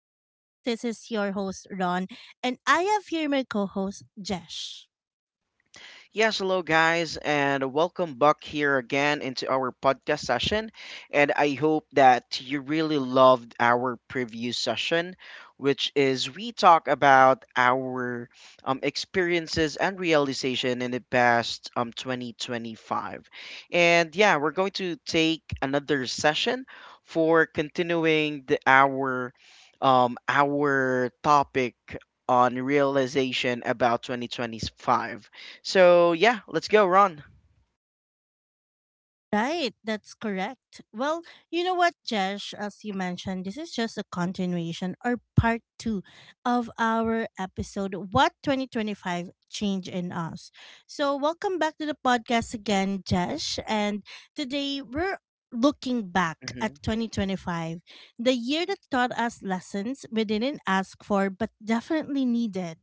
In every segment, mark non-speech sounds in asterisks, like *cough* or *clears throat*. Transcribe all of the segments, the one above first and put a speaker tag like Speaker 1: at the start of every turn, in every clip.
Speaker 1: Podcast. This is your host, Ron, and I have here my co host, Jesh.
Speaker 2: Yes, hello guys, and welcome back here again into our podcast session. And I hope that you really loved our previous session, which is we talk about our experiences and realization in the past 2025. And yeah, we're going to take another session for continuing the our topic on realization about 2025. So yeah, let's go, Ron.
Speaker 1: Right, that's correct. Well, you know what, Jesh, as you mentioned, this is just a continuation or part two of our episode, What 2025 Change in Us. So, welcome back to the podcast again, Jesh. And today we're looking back
Speaker 2: hmm
Speaker 1: at 2025, the year that taught us lessons we didn't ask for but definitely needed.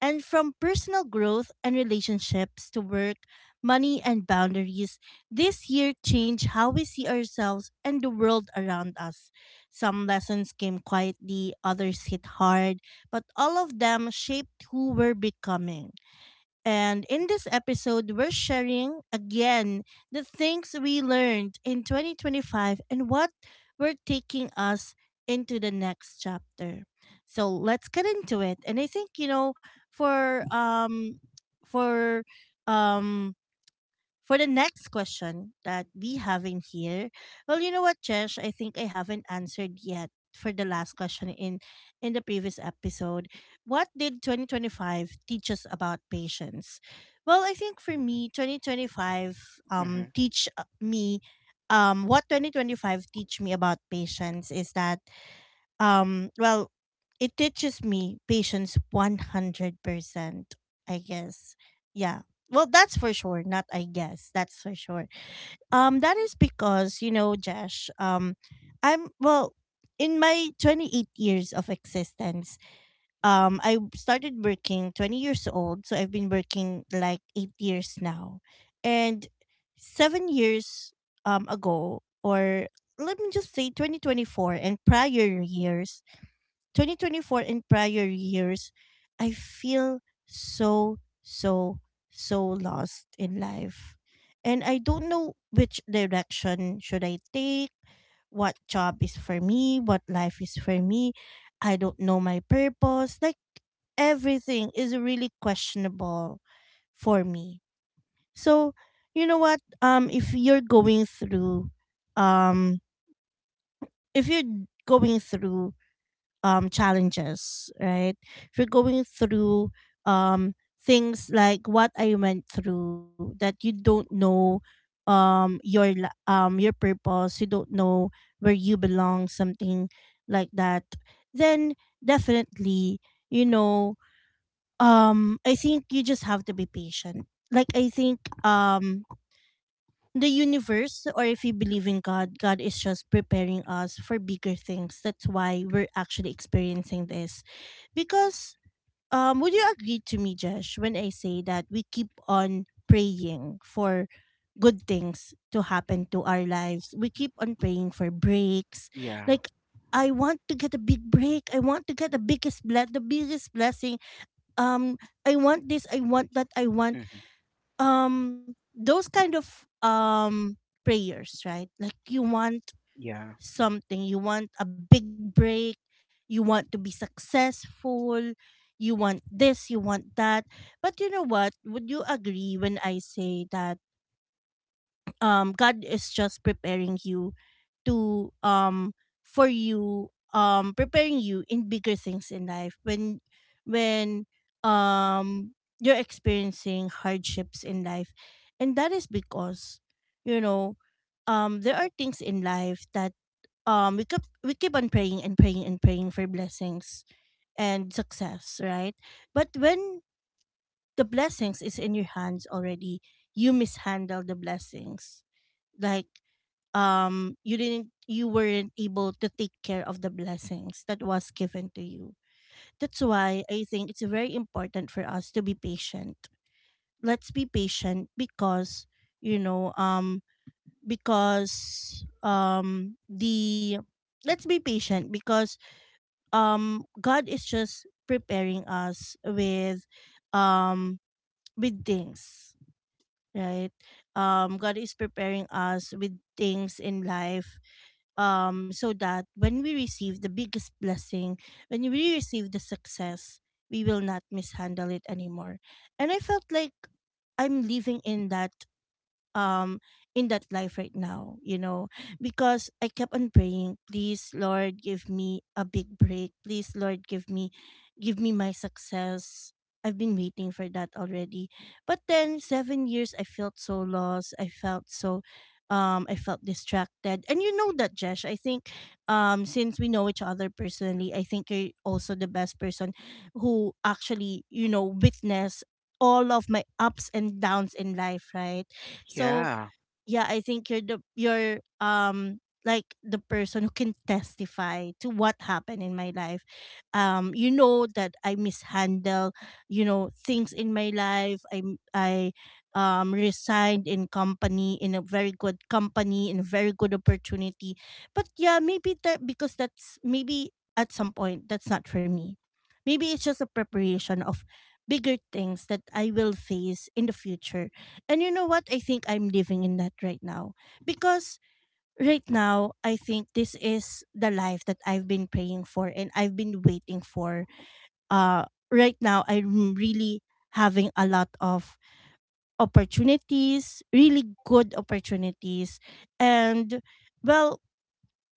Speaker 1: And from personal growth and relationships to work, money, and boundaries this year changed how we see ourselves and the world around us. Some lessons came quietly, others hit hard, but all of them shaped who we're becoming. And in this episode, we're sharing again the things we learned in 2025 and what we're taking us into the next chapter. So let's get into it. And I think, you know, for um for um for the next question that we have in here, well, you know what, Jesh? I think I haven't answered yet for the last question in the previous episode. What did 2025 teach us about patience? Well, I think for me, 2025 um
Speaker 2: hmm
Speaker 1: teach uh, me um what 2025 teach me about patience is that well, it teaches me patience 100%, I guess. Yeah. Well, that's for sure. Not I guess. That's for sure. That is because, you know, Josh, I'm, well, in my 28 years of existence, I started working 20 years old. So I've been working like 8 years now. And 7 years ago, or let me just say 2024 and prior years, I feel so, so, so lost in life. And I don't know which direction should I take, what job is for me, what life is for me. I don't know my purpose. Like everything is really questionable for me. So, you know what? Um if you're going through challenges, right? If you're going through um, things like what I went through, that you don't know your purpose, you don't know where you belong, something like that, then definitely, you know, I think you just have to be patient. Like I think um, the universe, or if you believe in god, god is just preparing us for bigger things. That's why we're actually experiencing this, because would you agree to me, Josh, when I say that we keep on praying for good things to happen to our lives? We keep on praying for breaks.
Speaker 2: Yeah.
Speaker 1: Like I want to get a big break. I want to get the biggest blessing. Um, I want this. I want that. I want
Speaker 2: hmm
Speaker 1: those kind of prayers, right? Like you want
Speaker 2: Yeah.
Speaker 1: something. You want a big break. You want to be successful. You want this, you want that. But you know what? Would you agree when I say that God is just preparing you to for you preparing you in bigger things in life when when um you're experiencing hardships in life? And that is because, you know, there are things in life that we keep on praying and praying and praying for blessings and success, right? But when the blessings is in your hands already, you mishandle the blessings. Like you weren't able to take care of the blessings that was given to you. That's why I think it's very important for us to be patient. Let's be patient, because you know because the let's be patient because God is just preparing us um with things, right? God is preparing us with things in life, so that when we receive the biggest blessing, when we receive the success, we will not mishandle it anymore. And I felt like I'm living um in that life right now, you know, because I kept on praying, please Lord, give me a big break. Please Lord, give me my success. I've been waiting for that already. But then 7 years I felt so lost. I felt so I felt distracted. And you know that, Jesh, I think since we know each other personally, I think you're also the best person who actually, you know, witness all of my ups and downs in life, right? So
Speaker 2: Yeah.
Speaker 1: yeah, I think you're the you're like the person who can testify to what happened in my life. You know that I mishandle, you know, things in my life. I resigned in company, in a very good company, in a very good opportunity. But yeah, maybe that because that's maybe at some point that's not for me. Maybe it's just a preparation of bigger things that I will face in the future. And you know what? I think I'm living in that right now. Because right now, I think this is the life that I've been praying for and I've been waiting for. Uh right now I'm really having a lot of opportunities, really good opportunities. And well,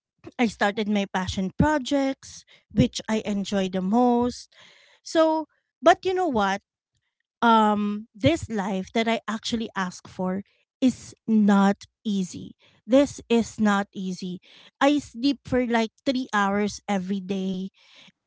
Speaker 1: *clears throat* I started my passion projects which I enjoy the most. So, but you know what? This life that I actually ask for is not easy. This is not easy. I sleep for like 3 hours every day,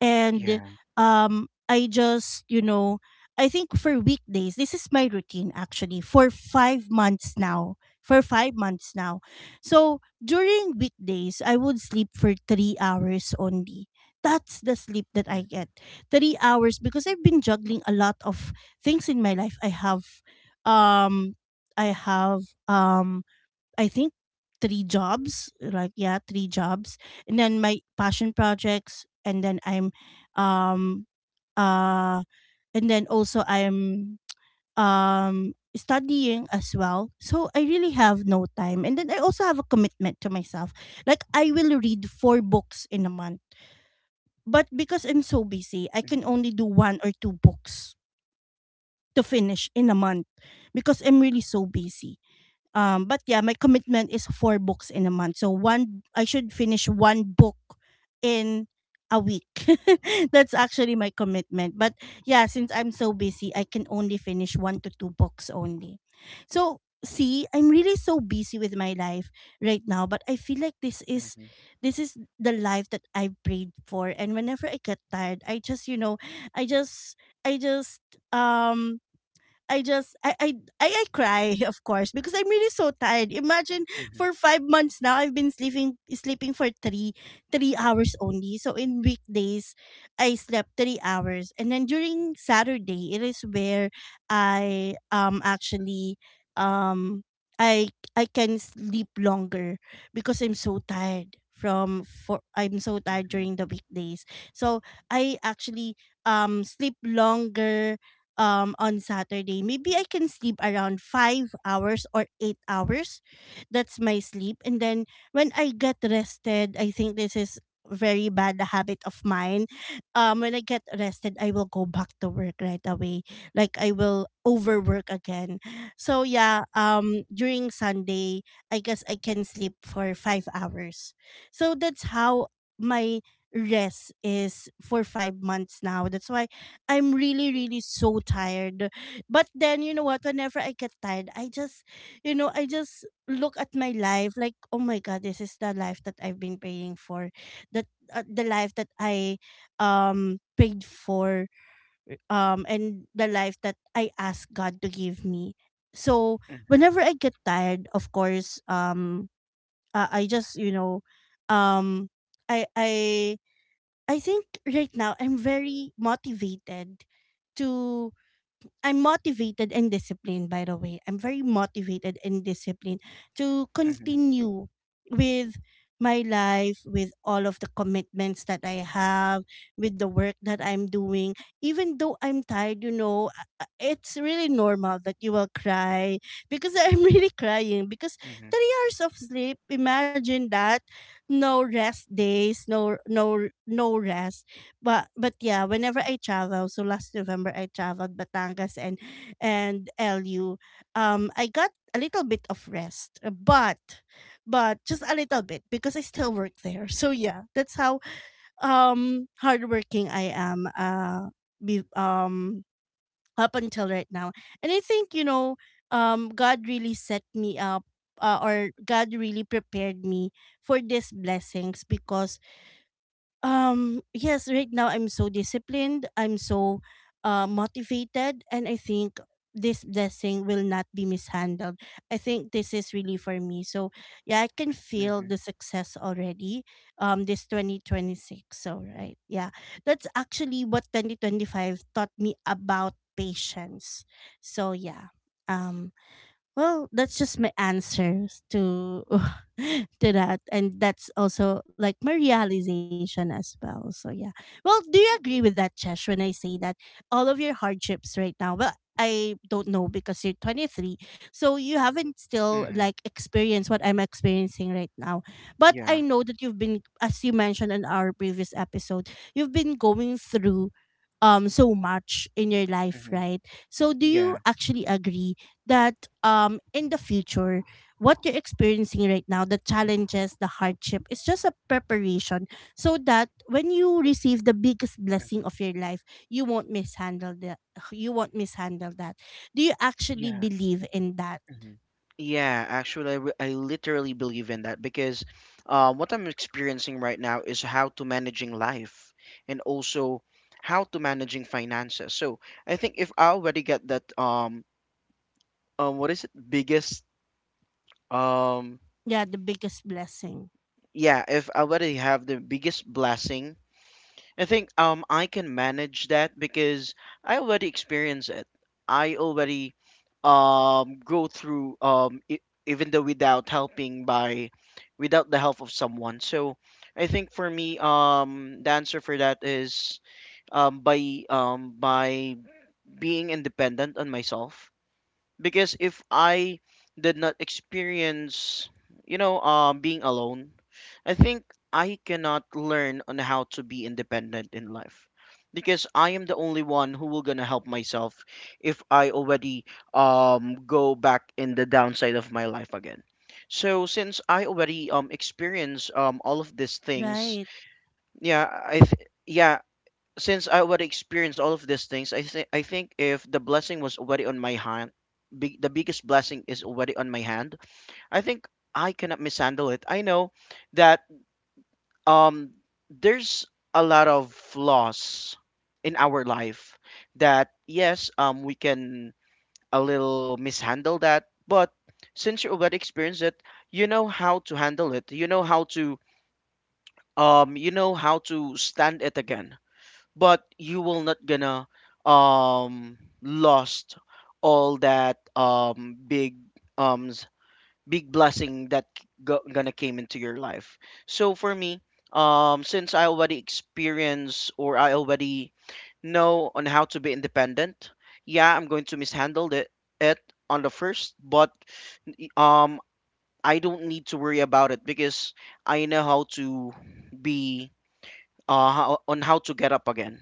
Speaker 1: and
Speaker 2: Yeah.
Speaker 1: I just, you know, I think for weekdays this is my routine actually for 5 months now, for 5 months now so during weekdays I would sleep for 3 hours only. That's the sleep that I
Speaker 2: hmm hmm
Speaker 1: get, 3 hours, because I've been juggling a lot of things in my life. Um I have um I think three jobs, like yeah, three jobs, and then my passion projects, and then I'm, um, uh, and then also I'm studying as well. So I really have no time, and then I also have a commitment to myself. Like I will read four books in a month, but because I'm so busy, I can
Speaker 2: hmm
Speaker 1: only do one or two books to finish in a month because I'm really so busy. But yeah, my commitment is four books in a month. So one, I should finish one book in a week. *laughs* That's actually my commitment. But yeah, since I'm so busy, I can only finish one to two books only. So see, I'm really so busy with my life right now, but I feel like
Speaker 2: hmm
Speaker 1: this is the life that I prayed for. And whenever I get tired, I just, you know, I just I just um I just I cry *laughs* of course, because I'm really so tired. Imagine
Speaker 2: hmm
Speaker 1: for 5 months now I've been sleeping for three hours only. So in weekdays I slept 3 hours, and then during Saturday it is where I actually um I I can sleep longer, because I'm so tired from for I'm so tired during the weekdays. So I actually sleep longer on Saturday. Maybe I can sleep around 5 hours or 8 hours. That's my sleep. And then when I get rested, I think this is very bad habit of mine. When I get rested, I will go back to work right away. Like I will overwork again. So yeah, during Sunday, I guess I can sleep for 5 hours. So that's how my rest is for 5 months now. That's why I'm really, really so tired. But then, you know what? Whenever I get tired, I just, you know, I just look at my life like, oh my God, this is the life that I've been praying for. That the life that I prayed for, and the life that I asked God to give me. So
Speaker 2: Mhm,
Speaker 1: whenever I get tired, of course, I just, you know, um, I I I think right now I'm very motivated to I'm motivated and disciplined, by the way. I'm very motivated and disciplined to continue with my life, with all of the commitments that I have, with the work that I'm doing, even though I'm tired. You know, it's really normal that you will cry, because I'm *laughs* really crying because
Speaker 2: mhm,
Speaker 1: 3 hours of sleep, imagine that, no rest days, no rest. But yeah, whenever I travel, so last November I traveled Batangas and LU. I got a little bit of rest, but just a little bit because I still work there. So yeah, that's how hardworking I am. Be, um Up until right now, and I think you know, God really set me up. Or God really prepared me for these blessings, because yes, right now I'm so disciplined, I'm so motivated, and I think this blessing will not be mishandled. I think this is really for me. So, yeah, I can feel
Speaker 2: mhm,
Speaker 1: the success already. This 2026. So, right. Yeah. That's actually what 2025 taught me about patience. So, yeah. Um well, that's just my answers to *laughs* to that, and that's also like my realization as well. So yeah. Well, do you agree with that, Chesh? When I say that all of your hardships right now, well, I don't know because you're 23, so you haven't still
Speaker 2: mhm.
Speaker 1: like experienced what I'm experiencing right now. But
Speaker 2: Yeah.
Speaker 1: I know that you've been, as you mentioned in our previous episode, you've been going through so much in your life,
Speaker 2: Mhm,
Speaker 1: right? So do you
Speaker 2: yeah.
Speaker 1: actually agree that in the future what you're experiencing right now, the challenges, the hardship is just a preparation, so that when you receive the biggest
Speaker 2: Mhm,
Speaker 1: blessing of your life, you won't mishandle that? Do you actually
Speaker 2: yeah.
Speaker 1: believe in that?
Speaker 2: Mhm. I literally believe in that because what I'm experiencing right now is how to managing life, and also how to managing finances. So I think if I already get that what is it biggest. Um,
Speaker 1: Yeah, the biggest blessing,
Speaker 2: yeah, if I already have the biggest blessing, I think I can manage that because I already experience it. I already go through even though without helping by, without the help of someone. So I think for me the answer for that is by being independent on myself, because if I did not experience, you know, being alone, I think I cannot learn on how to be independent in life, because I am the only one who will gonna help myself if I already go back in the downside of my life again. So since I already experience all of these things,
Speaker 1: right.
Speaker 2: yeah, since I already experienced all of these things, I think if the blessing was already on my hand, big the biggest blessing is already on my hand. I think I cannot mishandle it. I know that um there's a lot of flaws in our life that, yes, we can a little mishandle that, but since you already experienced it, you know how to handle it. You know how to you know how to stand it again, but you will not gonna lost all that big um s- big blessing that gonna came into your life. So for me, since I already experience or I already know on how to be independent, yeah, I'm going to mishandle it, it on the first, but um I don't need to worry about it because I know how to be on how to get up again,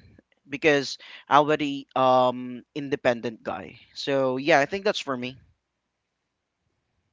Speaker 2: because I am already independent guy. So yeah, I think that's for me.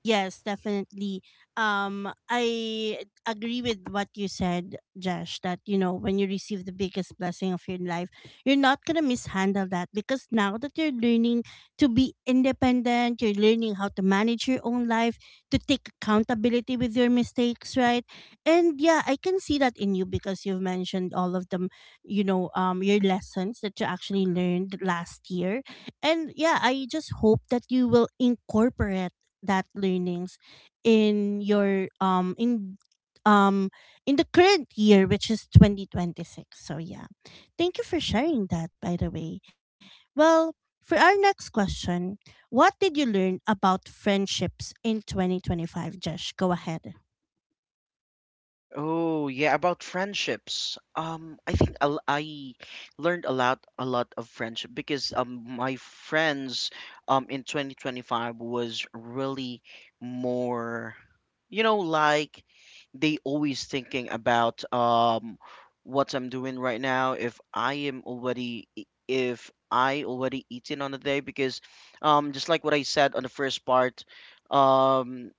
Speaker 1: Yes, definitely. I agree with what you said, Josh, that, you know, when you receive the biggest blessing of your life, you're not going to mishandle that, because now that you're learning to be independent, you're learning how to manage your own life, to take accountability with your mistakes, right? And yeah, I can see that in you because you've mentioned all of them, you know, your lessons that you actually learned last year. And yeah, I just hope that you will incorporate that learnings in your um in the current year, which is 2026. So yeah, thank you for sharing that, by the way. Well, for our next question, what did you learn about friendships in 2025, Josh? Go ahead.
Speaker 2: Oh yeah, about friendships. I think I learned a lot of friendship because my friends in 2025 was really more, you know, like they always thinking about what I'm doing right now, if I am already if I already eaten on the day, because just like what I said on the first part, um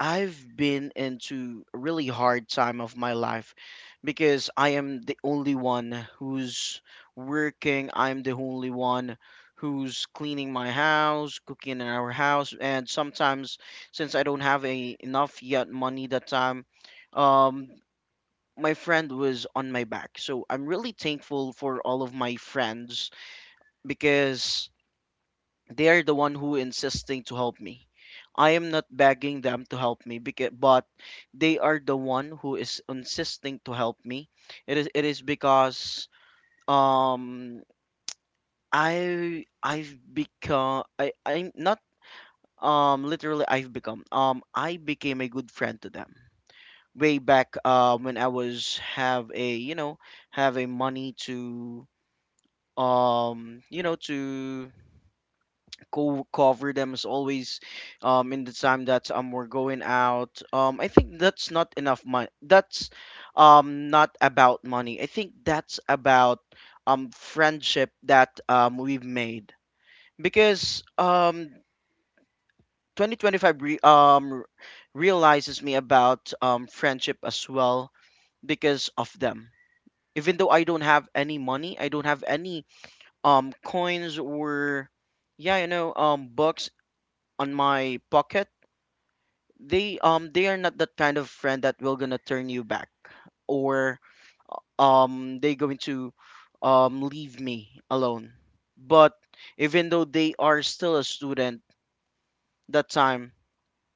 Speaker 2: I've been into a really hard time of my life because I am the only one who's working. I'm the only one who's cleaning my house, cooking in our house, and sometimes since I don't have a enough yet money that time, um, my friend was on my back. So I'm really thankful for all of my friends because they are the one who insisting to help me. I am not begging them to help me because, but they are the one who is insisting to help me. It is because um I I've become I I'm not literally I became a good friend to them way back when I was have a, you know, have a money to you know, to go cover them as always in the time that we're going out. I think that's not enough money, that's not about money, I think that's about friendship that we've made, because 2025 realizes me about friendship as well because of them. Even though I don't have any money, I don't have any coins, or yeah, you know, bucks on my pocket, they are not that kind of friend that will gonna turn you back, or they going to leave me alone. But even though they are still a student that time,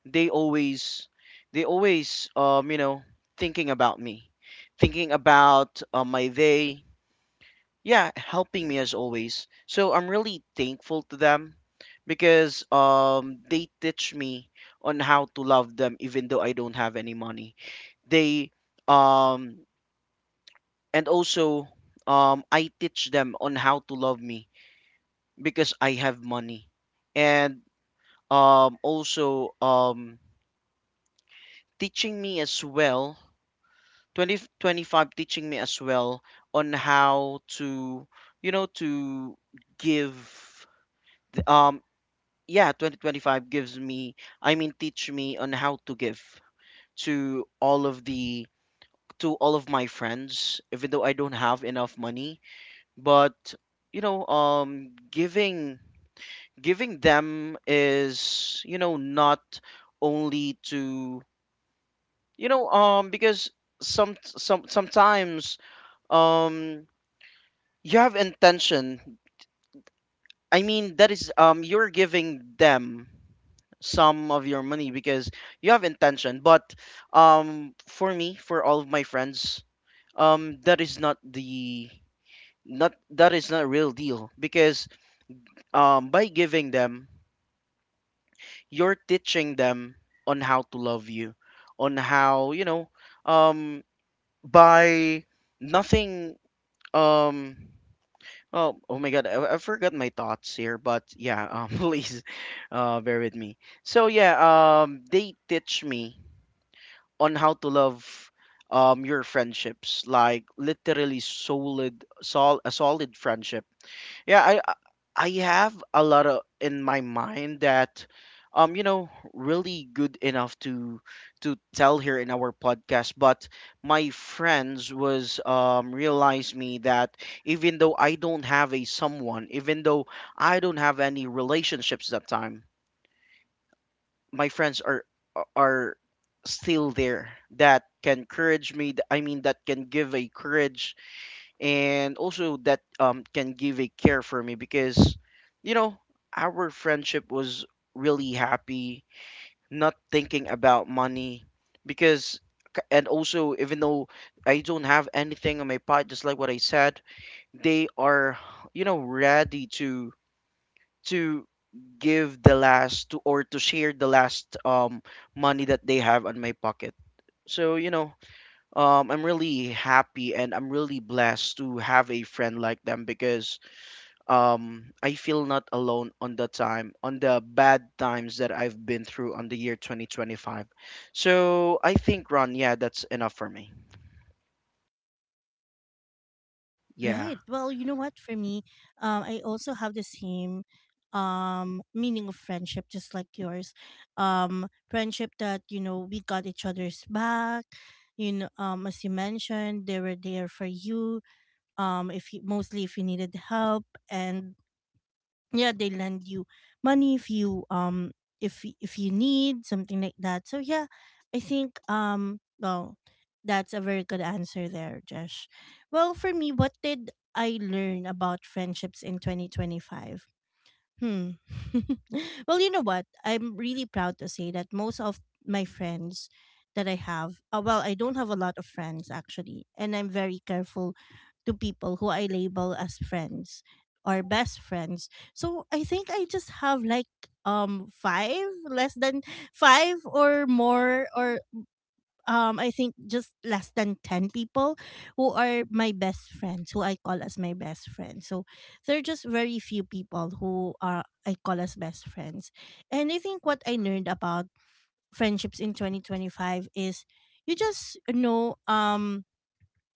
Speaker 2: they always they always you know, thinking about me, thinking about my day, yeah, helping me as always. So I'm really thankful to them because they teach me on how to love them even though I don't have any money. They um and also I teach them on how to love me because I have money. And also teaching me as well, 20, 25 teaching me as well on how to, you know, to give um. Yeah, 2025 gives me, I mean, teach me on how to give to all of the, to all of my friends, even though I don't have enough money. But, you know, giving, giving them is, you know, not only to, you know, because sometimes um you have intention, I mean, that is you're giving them some of your money because you have intention, but for me, for all of my friends, that is not the, not that is not a real deal, because by giving them, you're teaching them on how to love you, on how, you know, um by nothing um oh, oh my God, I forgot my thoughts here, but yeah, *laughs* please, bear with me. So yeah, they teach me on how to love your friendships, like literally solid, sol a solid friendship. yeah i i I have a lot of in my mind that you know, really good enough to tell here in our podcast, but my friends was realized me that even though I don't have a someone, even though I don't have any relationships that time, my friends are still there, that can courage me, I mean that can give a courage, and also that can give a care for me, because, you know, our friendship was really happy, not thinking about money. Because and also, even though I don't have anything on my pot, just like what I said, they are, you know, ready to give the last to, or to share the last money that they have on my pocket. So, you know, I'm really happy and I'm really blessed to have a friend like them because I feel not alone on the time, on the bad times that I've been through on the year 2025. So I think, Ron, yeah, that's enough for me.
Speaker 1: Right. Well,
Speaker 2: Yeah.
Speaker 1: you know what? For me, I also have the same meaning of friendship, just like yours. um Friendship that, you know, we got each other's back, you know, as you mentioned, they were there for you, if you mostly if you needed help, and yeah, they lend you money if you if you need something like that. So yeah, I think, that's a very good answer there, Josh. Well, for me, what did I learn about friendships in 2025? Hmm. *laughs* Well, you know what? I'm really proud to say that most of my friends that I have, well, I don't have a lot of friends actually, and I'm very careful to people who I label as friends or best friends. So I think I just have like five, less than five or more, or I think just less than 10 people who are my best friends, who I call as my best friends. So there are just very few people who are I call as best friends. And I think what I learned about friendships in 2025 is you just know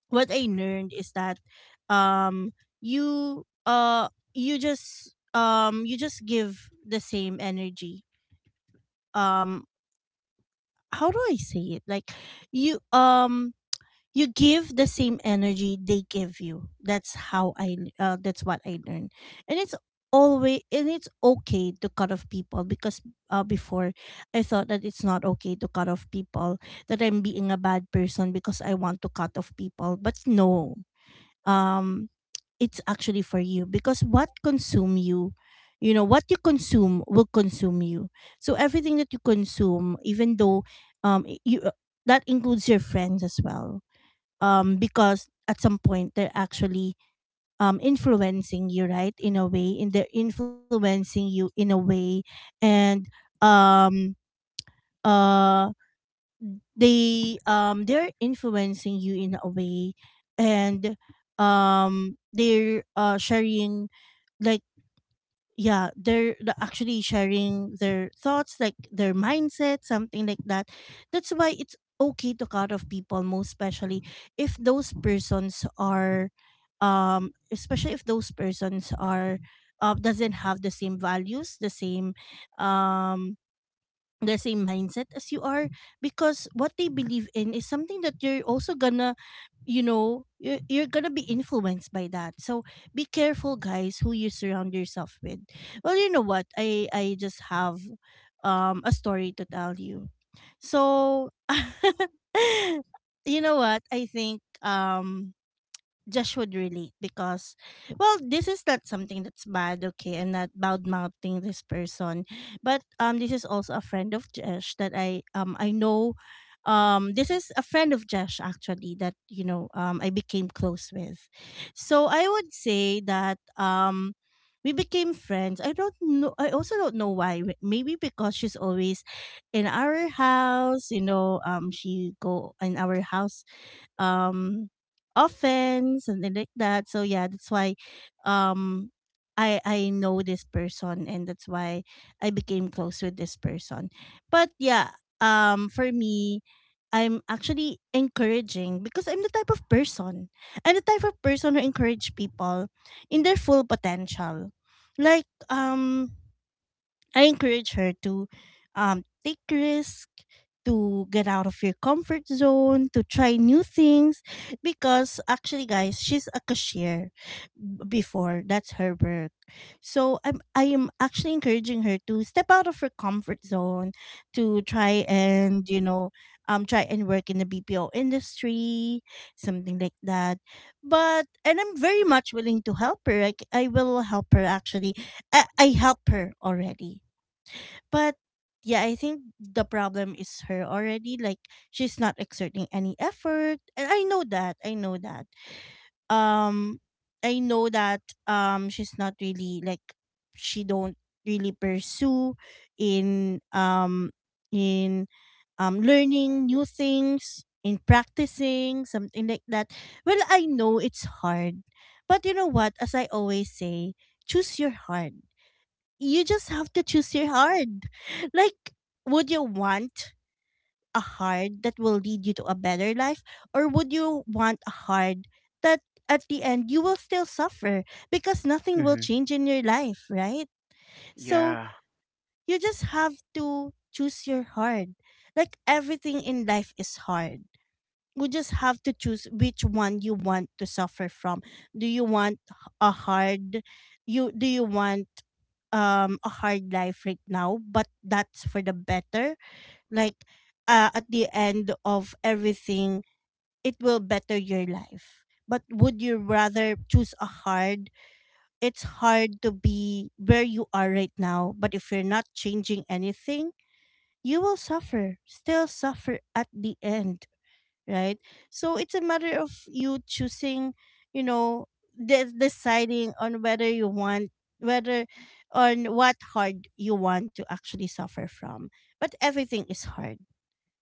Speaker 1: what I learned is that um you just give the same energy, um how do I say it, like you you give the same energy they give you. That's how I, that's what I learned. And it's always, and it's okay to cut off people, because before I thought that it's not okay to cut off people, that I'm being a bad person because I want to cut off people. But no, um it's actually for you, because what consume you, you know, what you consume will consume you. So everything that you consume, even though y- you that includes your friends as well. Because at some point they're actually influencing you, right? In a way. And they're influencing you in a way, and um, uh, they're influencing you in a way, and they're sharing, like, yeah, they're actually sharing their thoughts, like their mindset, something like that. That's why it's okay to cut off people, most especially if those persons are especially if those persons are, doesn't have the same values, um the same mindset as you are. Because what they believe in is something that you're also gonna, you know, you're gonna be influenced by that. So be careful, guys, who you surround yourself with. Well, you know what, I just have a story to tell you. So *laughs* you know what, I think Josh would relate. Because, well, this is not something that's bad, okay? I'm not bad mouthing this person, but this is also a friend of Josh that I know. This is a friend of Josh actually that, you know, I became close with. So I would say that we became friends. I don't know. I also don't know why. Maybe because she's always in our house. You know, she go in our house um often, something like that. So yeah, that's why um I know this person, and that's why I became close with this person. But yeah, for me, I'm actually encouraging because I'm the type of person who encourage people in their full potential. Like, I encourage her to take risk, to get out of your comfort zone, to try new things, because actually, guys, she's a cashier before. That's her work. So I am actually encouraging her to step out of her comfort zone, to try and, you know, try and work in the BPO industry, something like that. But and I'm very much willing to help her. Like, I will help her actually. I help her already. But yeah, I think the problem is her already. Like, she's not exerting any effort. And I know that. I know that. Um I know that she's not really like, she don't really pursue in in learning new things, in practicing, something like that. Well, I know it's hard. But you know what? As I always say, choose your heart, you just have to choose your hard. Like, would you want a hard that will lead you to a better life, or would you want a hard that at the end you will still suffer because nothing will
Speaker 2: Mm-hmm.
Speaker 1: change in your life, right? So
Speaker 2: Yeah.
Speaker 1: you just have to choose your hard. Like, everything in life is hard, we just have to choose which one you want to suffer from. Do you want a hard, you do you want a hard life right now, but that's for the better? Like, at the end of everything, it will better your life. But would you rather choose a hard? It's hard to be where you are right now, but if you're not changing anything, you will suffer, still suffer at the end, right? So it's a matter of you choosing, you know, deciding on whether you want, whether on what hard you want to actually suffer from. But everything is hard.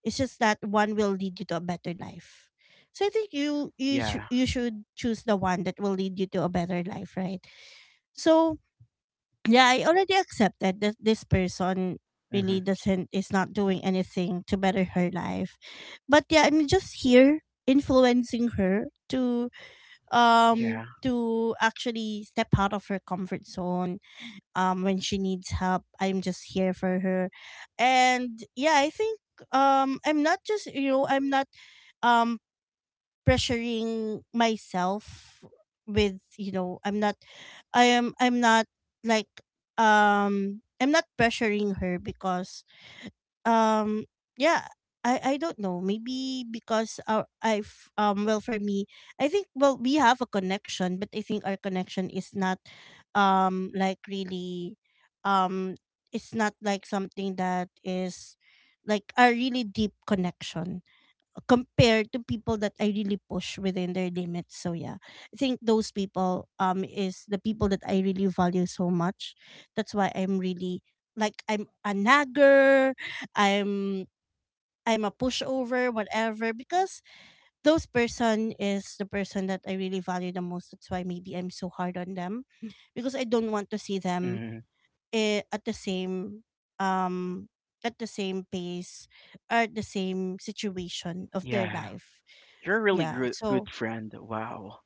Speaker 1: It's just that one will lead you to a better life. So I think
Speaker 2: Yeah.
Speaker 1: you should choose the one that will lead you to a better life, right? So yeah, I already accepted that this person
Speaker 2: Mm-hmm.
Speaker 1: really doesn't is not doing anything to better her life. But yeah, I'm just here influencing her
Speaker 2: Yeah.
Speaker 1: to actually step out of her comfort zone when she needs help. I'm just here for her. And yeah, I think I'm not just, you know, I'm not um pressuring myself with, you know, I'm not like I'm not pressuring her because um yeah, I don't know. Maybe because our I've well, for me, I think, well, we have a connection, but I think our connection is not like really um it's not like something that is like a really deep connection compared to people that I really push within their limits. So yeah, I think those people is the people that I really value so much. That's why I'm really, like, I'm a nagger, I'm I'm a pushover, whatever, because those person is the person that I really value the most. That's why maybe I'm so hard on them, because I don't want to see them,
Speaker 2: Mm-hmm.
Speaker 1: eh, um at the same pace or at the same situation of their
Speaker 2: Yeah.
Speaker 1: life.
Speaker 2: You're a really
Speaker 1: Yeah.
Speaker 2: good
Speaker 1: So
Speaker 2: friend. Wow.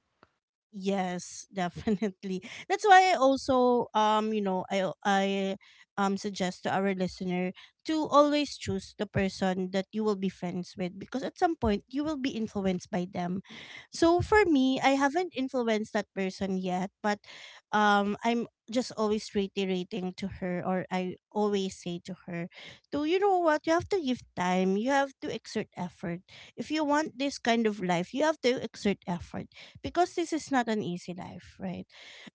Speaker 1: yes, *laughs* definitely. That's why I also you know, I suggest to our listener to always choose the person that you will be friends with, because at some point you will be influenced by them. So for me, I haven't influenced that person yet, but I'm just always reiterating to her, or I always say to her, to, you know what, you have to give time, you have to exert effort. If you want this kind of life, you have to exert effort, because this is not an easy life, right?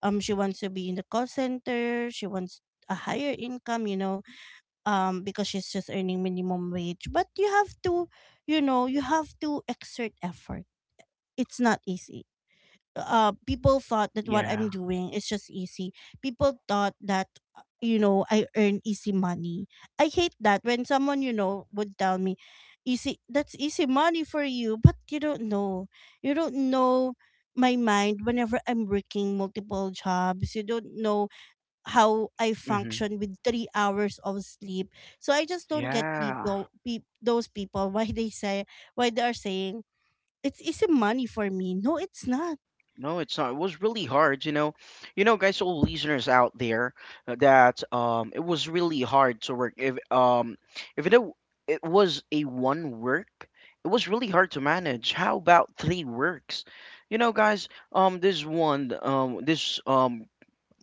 Speaker 1: She wants to be in the call center. She wants a higher income, you know, because she's just earning minimum wage. But you have to, you know, you have to exert effort. It's not easy. People thought that what I'm
Speaker 2: Yeah.
Speaker 1: doing is just easy. People thought that you know, I earn easy money. I hate that when someone, you know, would tell me easy, that's easy money for you, but you don't know. You don't know my mind whenever I'm working multiple jobs. You don't know how I
Speaker 2: Mm-hmm.
Speaker 1: function with 3 hours of sleep. So I just don't get
Speaker 2: Yeah.
Speaker 1: those people, why they say, why they are saying it's easy money for me. No, it's not.
Speaker 2: No, it's not. It was really hard, you know. You know, guys, all listeners out there, that it was really hard to work. If if it w- it was a one work, it was really hard to manage. How about three works? You know, guys, this one, this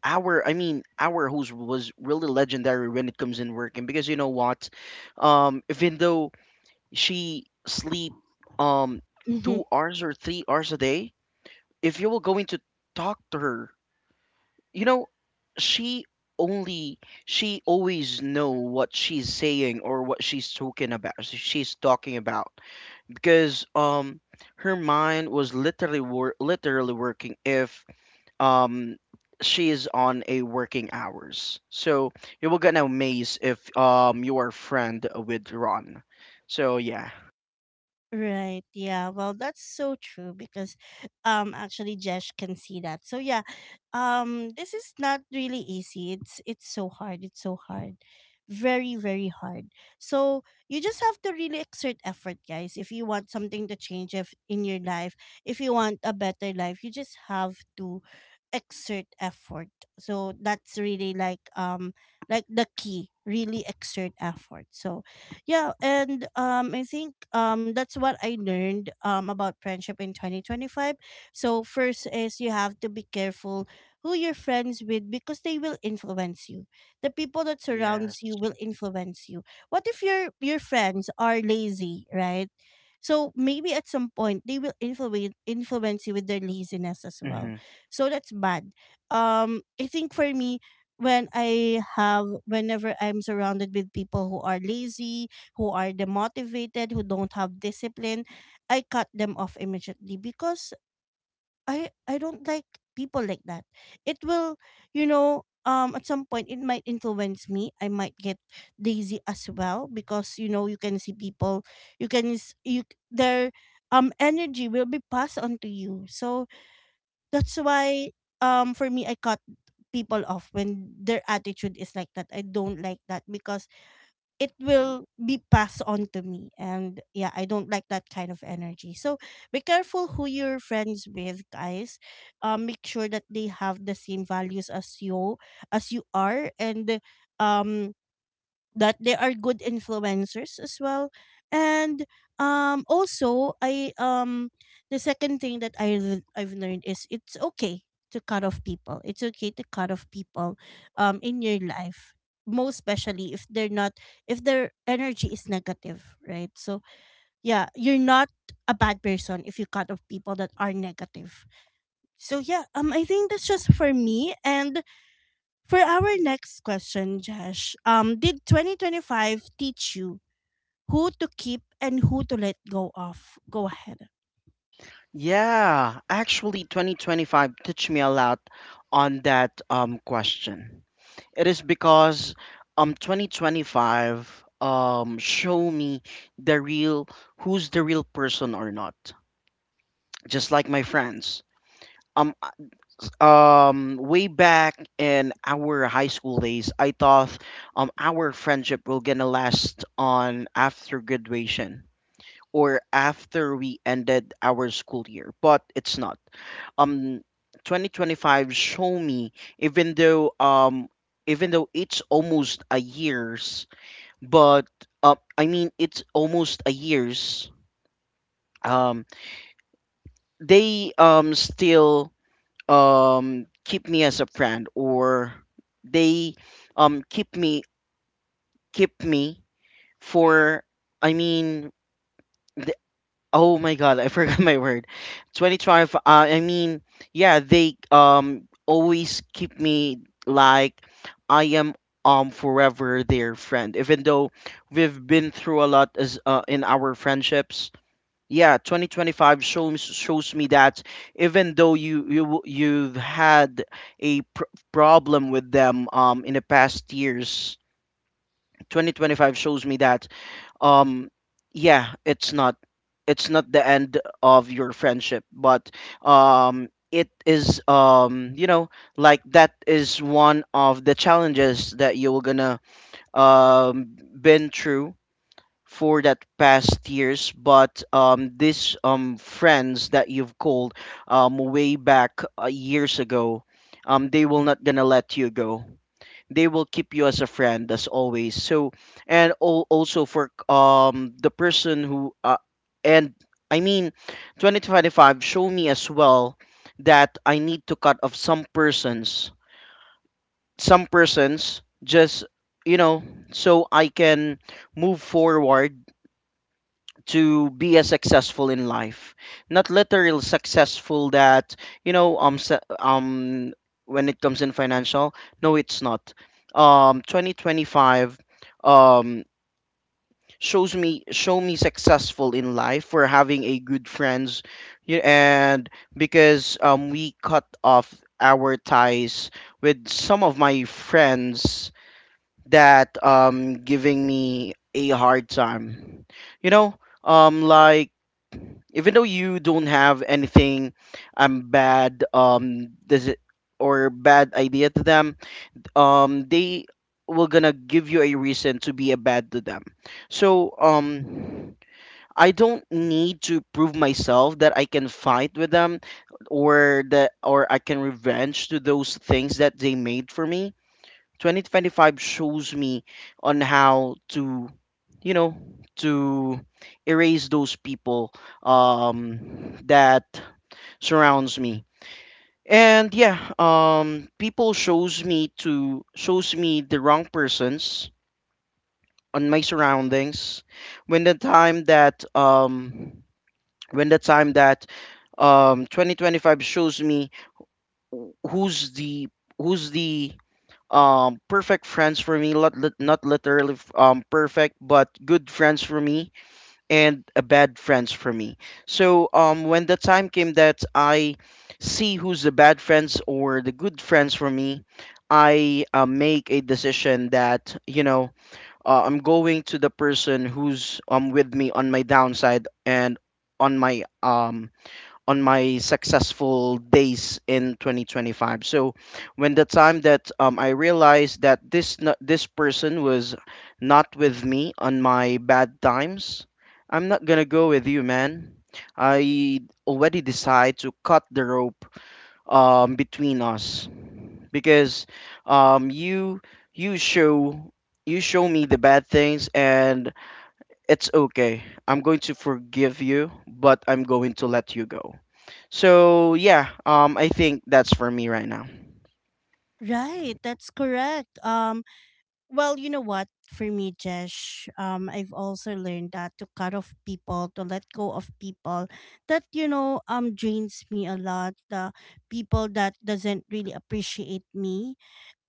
Speaker 2: our, I mean, our host was really legendary when it comes in working, because you know what, even though she sleep um two
Speaker 1: *laughs*
Speaker 2: hours or 3 hours a day, if you were going to talk to her, you know, she only she always know what she's saying or what she's talking about because her mind was literally literally working if um she is on a working hours. So you will gonna amaze if you are friend with Ron. So yeah,
Speaker 1: Right. Yeah. Well, that's so true because actually Jesh can see that. So yeah, this is not really easy. It's so hard. It's so hard. Very, very hard. So you just have to really exert effort, guys. If you want something to change, if in your life, if you want a better life, you just have to exert effort. So that's really like the key, really exert effort. So yeah. And I think that's what I learned about friendship in 2025. So first is, you have to be careful who you're friends with because they will influence you. The people that
Speaker 2: yes.
Speaker 1: surrounds you will influence you. What if your friends are lazy, right? So maybe at some point they will influence you with their laziness as well. So that's bad. I think for me, whenever I'm surrounded with people who are lazy, who are demotivated, who don't have discipline, I cut them off immediately because I don't like people like that. It will, you know, at some point, it might influence me. I might get lazy as well because, you know, you can see people, you, their energy will be passed on to you. So that's why, for me, I cut people off when their attitude is like that. I don't like that because it will be passed on to me, and yeah, I don't like that kind of energy. So be careful who you're friends with, guys. Make sure that they have the same values as you, as you are, and um that they are good influencers as well. And also I, the second thing that I've learned is, it's okay to cut off people. It's okay to cut off people in your life, most especially if they're not, if their energy is negative, right? So yeah, you're not a bad person if you cut off people that are negative. So yeah, I think that's just for me. And for our next question, Josh, did 2025 teach you who to keep and who to let go of? Go ahead.
Speaker 2: Yeah, actually, 2025 touched me a lot on that question. It is because 2025 show me the real who's the real person or not. Just like my friends. Um Way back in our high school days, I thought our friendship will gonna last on after graduation, or after we ended our school year, but it's not. Um, 2025 show me, even though um even though it's almost a year's, but I mean, it's almost a year's. Um, they still keep me as a friend, or they um keep me keep me for, I mean, oh my God, I *laughs* forgot my word. 2025, I mean, yeah, they always keep me like I am forever their friend. Even though we've been through a lot as in our friendships. Yeah, 2025 shows me that even though you've had a pr problem with them in the past years. 2025 shows me that, um yeah, it's not the end of your friendship, but it is, like, that is one of the challenges that you were gonna been through for that past years. But these friends that you've called way back years ago, they will not gonna let you go. They will keep you as a friend as always. So, also for the person who and I mean 2025 show me as well that I need to cut off some persons, some persons just you know so I can move forward to be as successful in life. Not literal successful that, you know, when it comes in financial. No, it's not. 2025, um shows me successful in life for having a good friends. You and Because we cut off our ties with some of my friends that giving me a hard time, you know. Like, even though you don't have anything bad, does it or bad idea to them, they will gonna give you a reason to be a bad to them. So, I don't need to prove myself that I can fight with them, or that, or I can revenge to those things that they made for me. 2025 shows me on how to, you know, to erase those people that surrounds me. And yeah, people shows me to shows me the wrong persons on my surroundings. When the time that when the time that 2025 shows me who's the who's the perfect friends for me. Not literally perfect, but good friends for me, and a bad friends for me. So when the time came that I see who's the bad friends or the good friends for me, I, make a decision that, you know, I'm going to the person who's with me on my downside, and on my um on my successful days in 2025. So when the time that, I realized that this person was not with me on my bad times, I'm not gonna go with you, man. I already decide to cut the rope, between us, because, um, you you show you show me the bad things. And it's okay, I'm going to forgive you, but I'm going to let you go. So yeah, I think that's for me right now.
Speaker 1: Right, that's correct. Well, you know what? For me, Jesh, I've also learned that, to cut off people, to let go of people that, you know, drains me a lot. The people that doesn't really appreciate me.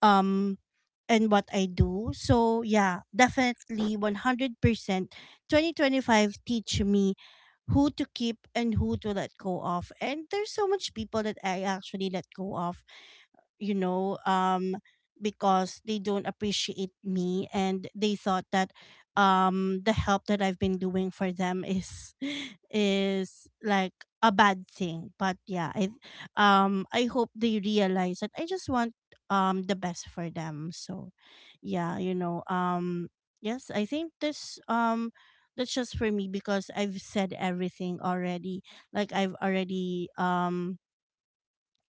Speaker 1: Um, and what I do. So yeah, definitely 100% 2025 teach me who to keep and who to let go of. And there's so much people that I actually let go of, you know, because they don't appreciate me, and they thought that the help that I've been doing for them is *laughs* is like a bad thing. But yeah, I hope they realize that I just want the best for them. So yeah, you know, yes, I think this, that's just for me because I've said everything already. Like I've already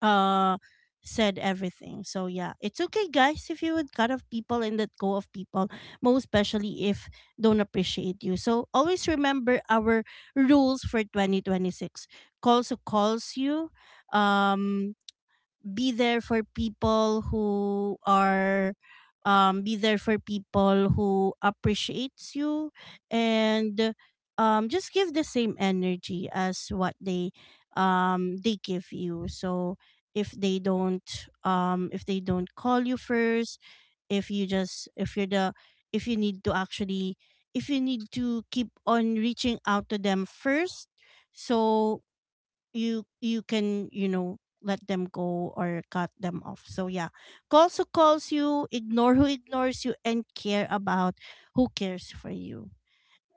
Speaker 1: uh said everything. So yeah, it's okay, guys, if you would cut off people and let go of people, most especially if don't appreciate you. So always remember our rules for 2026. Calls who calls you, um be there for people who are, be there for people who appreciates you, and just give the same energy as what they give you. So if they don't, if they don't call you first, if you just, if you're the, if you need to actually, if you need to keep on reaching out to them first, so you can, you know, let them go or cut them off. So yeah, calls who calls you, ignore who ignores you, and care about who cares for you.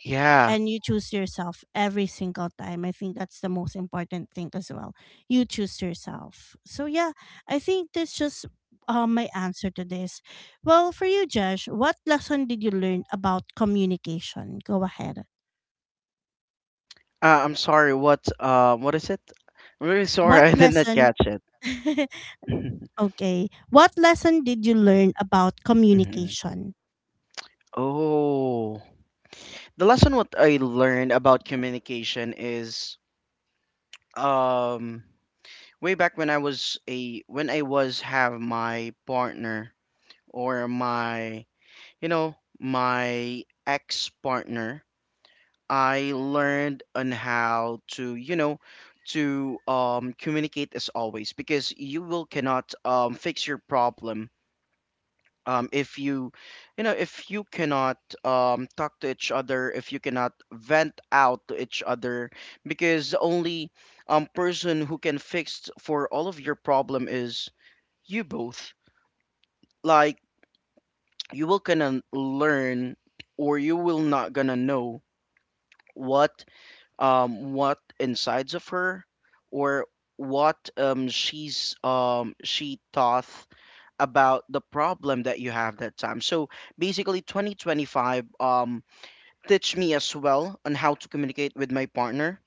Speaker 2: Yeah.
Speaker 1: And you choose yourself every single time. I think that's the most important thing as well. You choose yourself. So yeah, I think that's just my answer to this. Well, for you, Josh, what lesson did you learn about communication? Go ahead.
Speaker 2: I'm sorry, what? What is it? I'm really sorry.
Speaker 1: What
Speaker 2: *laughs* I did not
Speaker 1: lesson?
Speaker 2: catch it.
Speaker 1: *laughs*
Speaker 2: *laughs*
Speaker 1: Okay. What lesson did you learn about
Speaker 2: Mhm.
Speaker 1: communication?
Speaker 2: Oh, the lesson what I learned about communication is, um way back when I was a when I was have my partner, or my, you know, my ex partner, I learned on how to, you know, to, communicate as always. Because you will cannot, fix your problem, if you, you know, if you cannot, talk to each other, if you cannot vent out to each other. Because the only, person who can fix for all of your problem is you both. Like, you will gonna learn, or you will not gonna know what, what insides of her, or what, she thought about the problem that you have that time. So basically, 2025, teach me as well on how to communicate with my partner,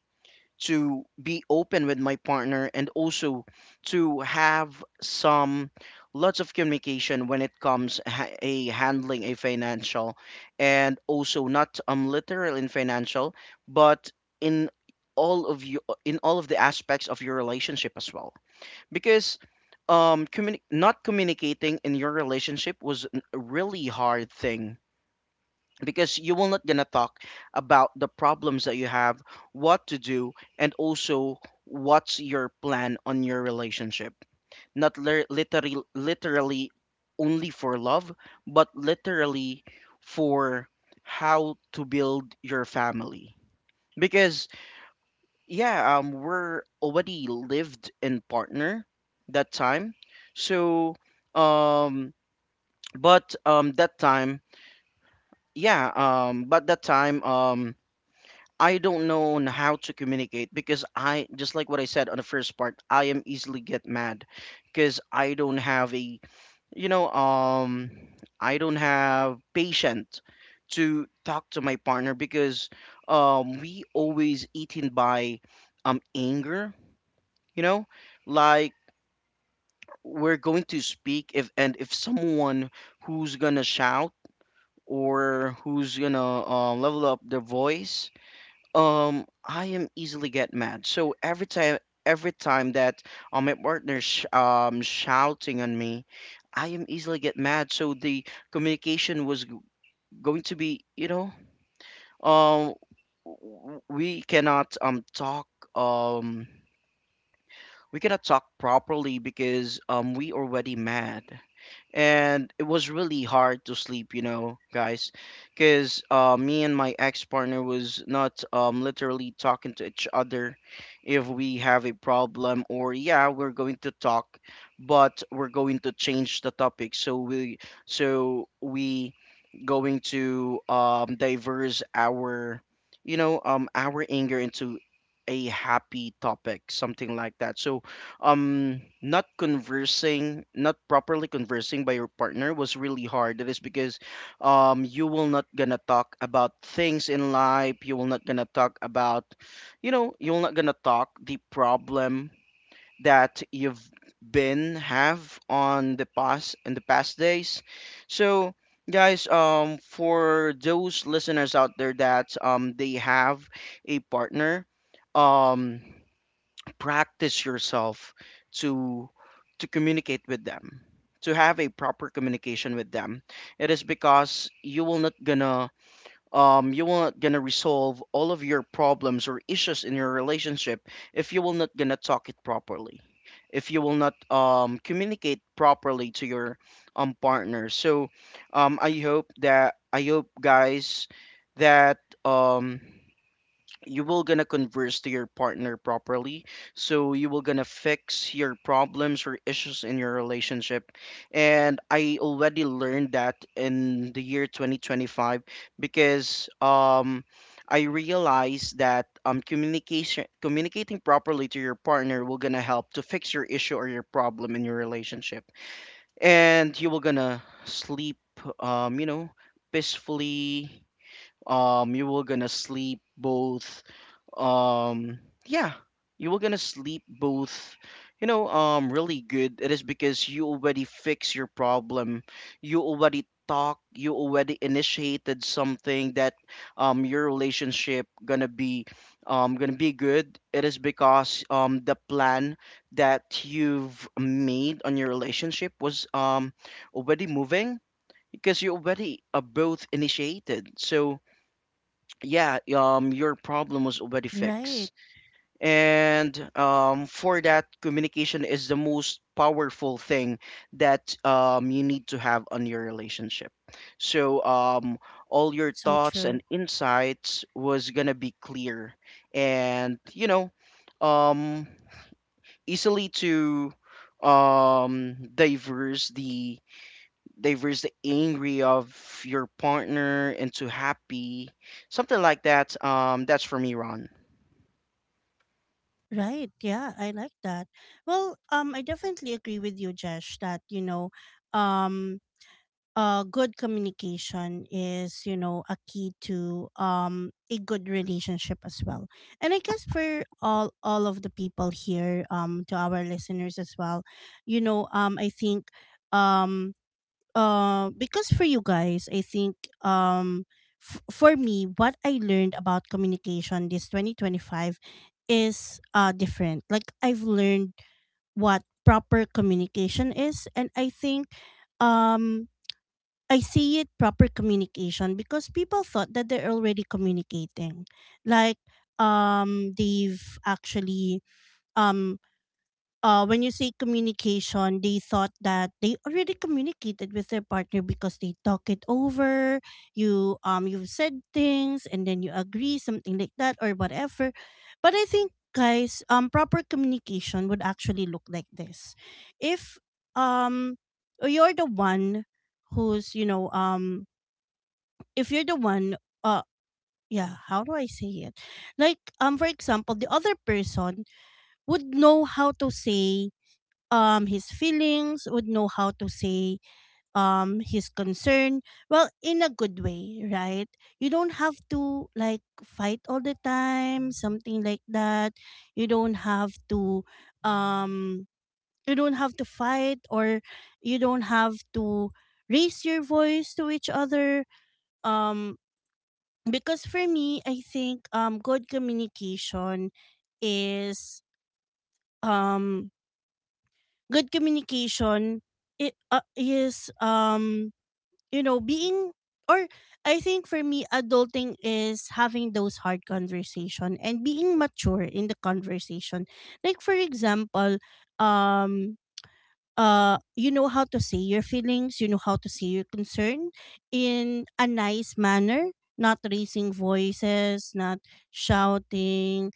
Speaker 2: to be open with my partner, and also to have some lots of communication when it comes a handling a financial, and also not literal in financial, but in all of you all of the aspects of your relationship as well. Because not communicating in your relationship was a really hard thing, because you will not gonna talk about the problems that you have, what to do, and also what's your plan on your relationship. Not literally, only for love, but literally for how to build your family. Because yeah, we're already lived in partner that time. So, um, but that time, yeah um, but that time um I don't know on how to communicate, because I just like what I said on the first part, I am easily get mad, because I don't have a, you know um I don't have patient to talk to my partner. Because we always eaten by anger, you know? Like, we're going to speak if, and if someone who's gonna shout, or who's gonna, level up their voice, I am easily get mad. So every time that, my partner sh shouting on me, I am easily get mad. So the communication was going to be, you know, um, we cannot talk, um we cannot talk properly, because we already mad. And it was really hard to sleep, you know, guys, because, me and my ex-partner was not, literally talking to each other. If we have a problem, or yeah, we're going to talk, but we're going to change the topic. So we going to, diverse our, our anger into a happy topic, something like that. So, not conversing, not properly conversing by your partner was really hard. That is because you will not gonna talk about things in life, you will not gonna talk about, you know, you're not gonna talk the problem that you've been have on the past, in the past days. So, guys, for those listeners out there that they have a partner, um practice yourself to to communicate with them, to have a proper communication with them. It is because you will not gonna, you will not gonna resolve all of your problems or issues in your relationship if you will not gonna talk it properly, if you will not communicate properly to your, partner. So, I hope, guys, that um you will gonna converse to your partner properly, so you will gonna fix your problems or issues in your relationship. And I already learned that in the year 2025, because I realized that, communication communicating properly to your partner will gonna help to fix your issue or your problem in your relationship. And you will gonna sleep, you know, peacefully. um you will gonna sleep both um yeah you were gonna sleep both, you know, really good. It is because you already fix your problem, you already talk, you already initiated something that your relationship gonna be, gonna be good. It is because the plan that you've made on your relationship was, already moving, because you already, both initiated. So yeah, your problem was already
Speaker 1: Right.
Speaker 2: fixed. And, for that, communication is the most powerful thing that, you need to have on your relationship. So, all your
Speaker 1: So
Speaker 2: thoughts
Speaker 1: true.
Speaker 2: and insights was gonna be clear, and, you know, um, easily to um diverse the diverse the angry of your partner into happy, something like that. That's for me, Ron.
Speaker 1: Right. Yeah, I like that. Well, I definitely agree with you, Jesh, that you know, um good communication is, you know, a key to a good relationship as well. And I guess for all of the people here, to our listeners as well, you know, I think um because for you guys, I think, um for me, what I learned about communication this 2025 is different. Like I've learned what proper communication is, and I think, um I see it, proper communication, because people thought that they're already communicating. Like they've actually, um when you say communication, they thought that they already communicated with their partner because they talk it over, you've said things and then you agree, something like that or whatever. But I think, guys, proper communication would actually look like this. If um you're the one who's, you know, if you're the one, uh yeah, how do I say it? Like for example, the other person would know how to say his feelings, would know how to say his concern well, in a good way, right? You don't have to like fight all the time, something like that. You don't have to, um you don't have to fight or you don't have to raise your voice to each other. um because for me, I think good communication is, um good communication it is you know, being, or I think for me, adulting is having those hard conversation and being mature in the conversation. Like for example, um you know how to say your feelings, you know how to say your concern in a nice manner, not raising voices, not shouting,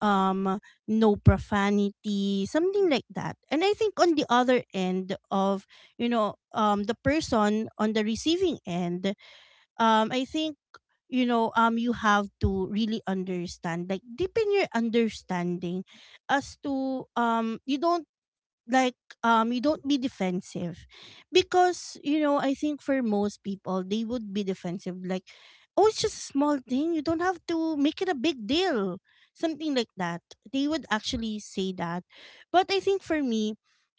Speaker 1: um no profanity, something like that. And I think on the other end of, you know, the person on the receiving end, I think, you know, you have to really understand, like deepen your understanding as to, you don't like, you don't be defensive because, you know, I think for most people, they would be defensive, like, oh, it's just a small thing, you don't have to make it a big deal, something like that. They would actually say that. But I think for me,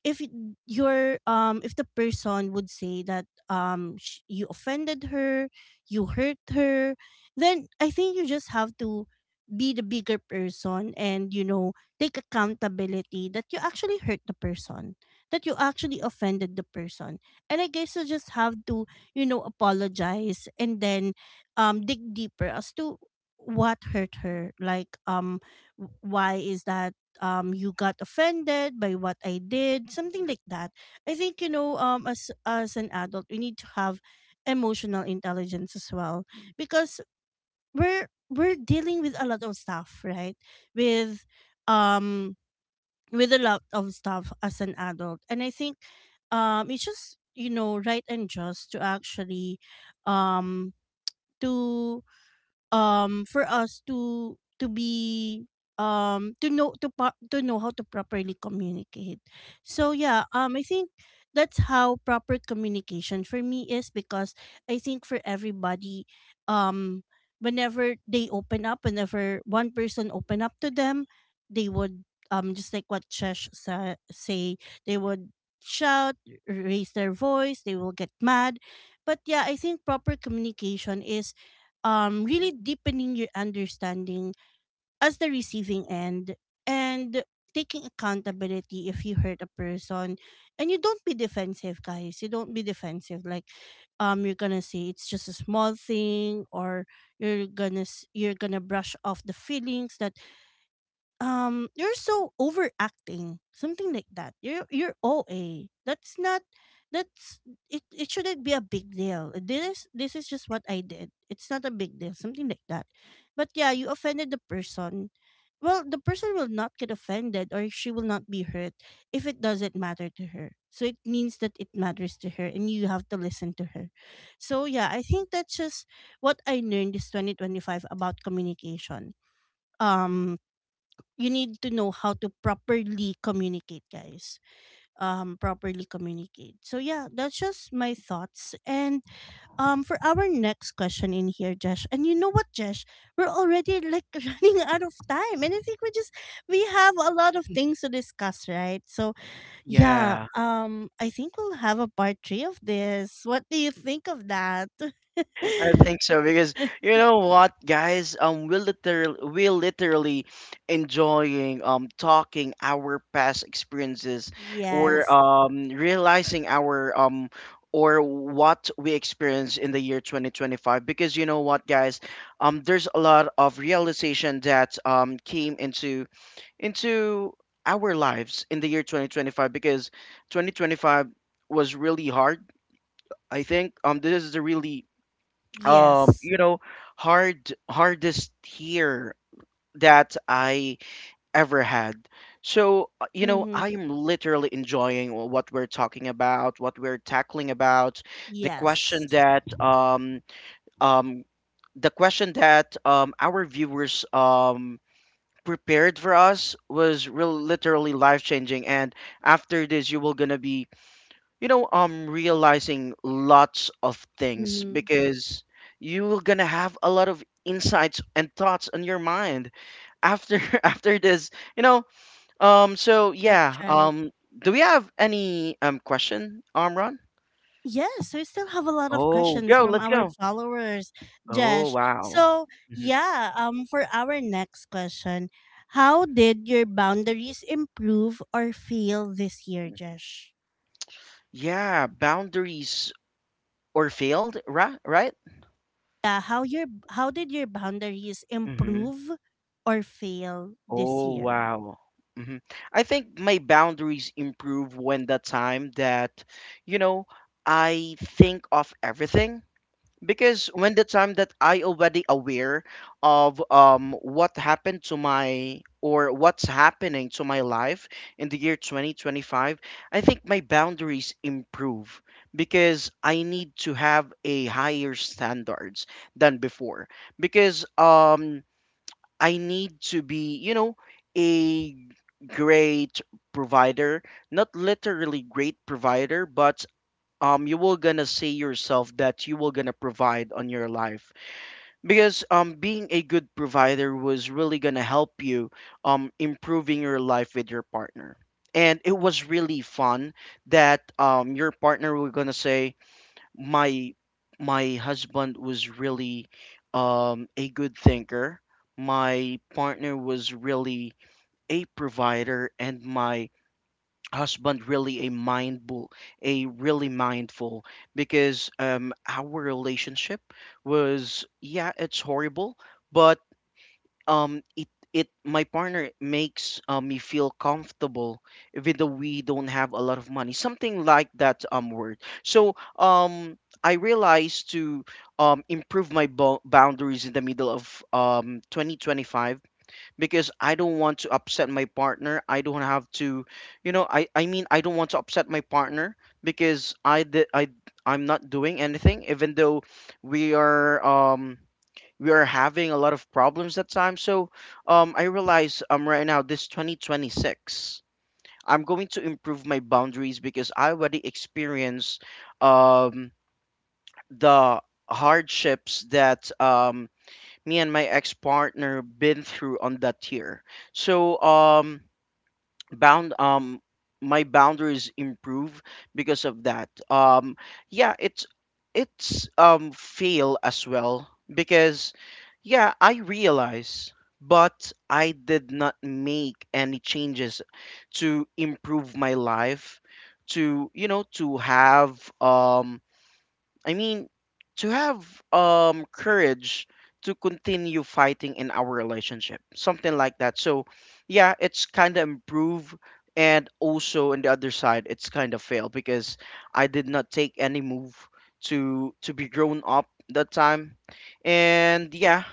Speaker 1: if y- your if the person would say that you offended her, you hurt her, then I think you just have to be the bigger person and, you know, take accountability that you actually hurt the person, that you actually offended the person. And I guess you just have to, you know, apologize and then dig deeper as to what hurt her. Like why is that you got offended by what I did, something like that. I think, you know, as an adult, we need to have emotional intelligence as well. Because we're dealing with a lot of stuff, right? With um with a lot of stuff as an adult. And I think it's just you know right and just to actually um to for us to be to know to know how to properly communicate. So yeah, I think that's how proper communication for me is. Because I think for everybody, um whenever they open up, whenever one person open up to them, they would, just like what say, they would shout, raise their voice, they will get mad. But yeah, I think proper communication is really deepening your understanding as the receiving end, and taking accountability if you hurt a person. And you don't be defensive guys, you don't be defensive, like you're gonna say it's just a small thing, or you're gonna you're gonna brush off the feelings that you're so overacting, something like that. You're oa that's not, that's, it shouldn't be a big deal, this is just what I did, it's not a big deal, something like that. But yeah, you offended the person. Well, the person will not get offended or she will not be hurt if it doesn't matter to her. So it means that it matters to her and you have to listen to her. So yeah, I think that's just what I learned this 2025 about communication. um you need to know how to properly communicate guys, properly communicate. So yeah, that's just my thoughts. And for our next question in here Jesh, and you know what Jesh, we're already like *laughs* running out of time and I think we just, we have a lot of things to discuss, right? So yeah,
Speaker 2: Yeah,
Speaker 1: I think we'll have a part 3 of this, what do you think of that? *laughs*
Speaker 2: I think so. Because, you know what, guys, we're literally, we're literally enjoying talking our past experiences, or
Speaker 1: Yes,
Speaker 2: realizing our, or what we experienced in the year 2025. Because, you know what, guys, there's a lot of realization that came into our lives in the year 2025. Because 2025 was really hard. I think, this is a really,
Speaker 1: yes,
Speaker 2: you know, hardest year that I ever had. So, you know,
Speaker 1: mhm,
Speaker 2: I'm literally enjoying what we're talking about, what we're tackling about. the question
Speaker 1: yes,
Speaker 2: that um um the question that our viewers prepared for us was real literally life changing. And after this, you will gonna be, you know, I'm realizing lots of things.
Speaker 1: mhm,
Speaker 2: Because you are gonna have a lot of insights and thoughts on your mind after, *laughs* after this, you know. um so
Speaker 1: that's
Speaker 2: yeah
Speaker 1: right.
Speaker 2: um do we have any question?
Speaker 1: Yes, we still have a lot of
Speaker 2: Oh,
Speaker 1: questions
Speaker 2: go,
Speaker 1: from
Speaker 2: let's
Speaker 1: our
Speaker 2: go.
Speaker 1: followers,
Speaker 2: Oh,
Speaker 1: Jesh.
Speaker 2: wow.
Speaker 1: So,
Speaker 2: Mhm.
Speaker 1: yeah, for our next question, how did your boundaries improve or fail this year, Jesh?
Speaker 2: Yeah, boundaries or failed, right? Right.
Speaker 1: Yeah, how did your boundaries improve or fail this
Speaker 2: Oh,
Speaker 1: year?
Speaker 2: wow. Hmm. I think my boundaries improve when the time that, you know, I think of everything. Because when the time that I already aware of what happened to my, or what's happening to my life in the year 2025, I think my boundaries improve, because I need to have a higher standards than before. Because I need to be, you know, a great provider. Not literally great provider, but you will gonna say yourself that you will gonna provide on your life. Because being a good provider was really gonna help you improving your life with your partner. And it was really fun that your partner will gonna say, my my husband was really, a good thinker. My partner was really a provider, and my husband really a mindful, a really mindful. Because, our relationship was, yeah, it's horrible, but it my partner makes, me feel comfortable, even though we don't have a lot of money, something like that, word. So, I realized to improve my boundaries in the middle of 2025. Because I don't want to upset my partner, I don't have to, I mean, I don't want to upset my partner, because I did I I'm not doing anything, even though we are, we are having a lot of problems at times. So, I realize, right now, this 2026, I'm going to improve my boundaries, because I already experienced, um, the hardships that, me and my ex-partner been through on that year. So, bound my boundaries improve because of that. Yeah it's, fail as well, because yeah, I realize, but I did not make any changes to improve my life, to, you know, to have, I mean, to have courage to continue fighting in our relationship, something like that. So, yeah, it's kind of improve, and also on the other side, it's kind of fail, because I did not take any move to be grown up that time. And yeah,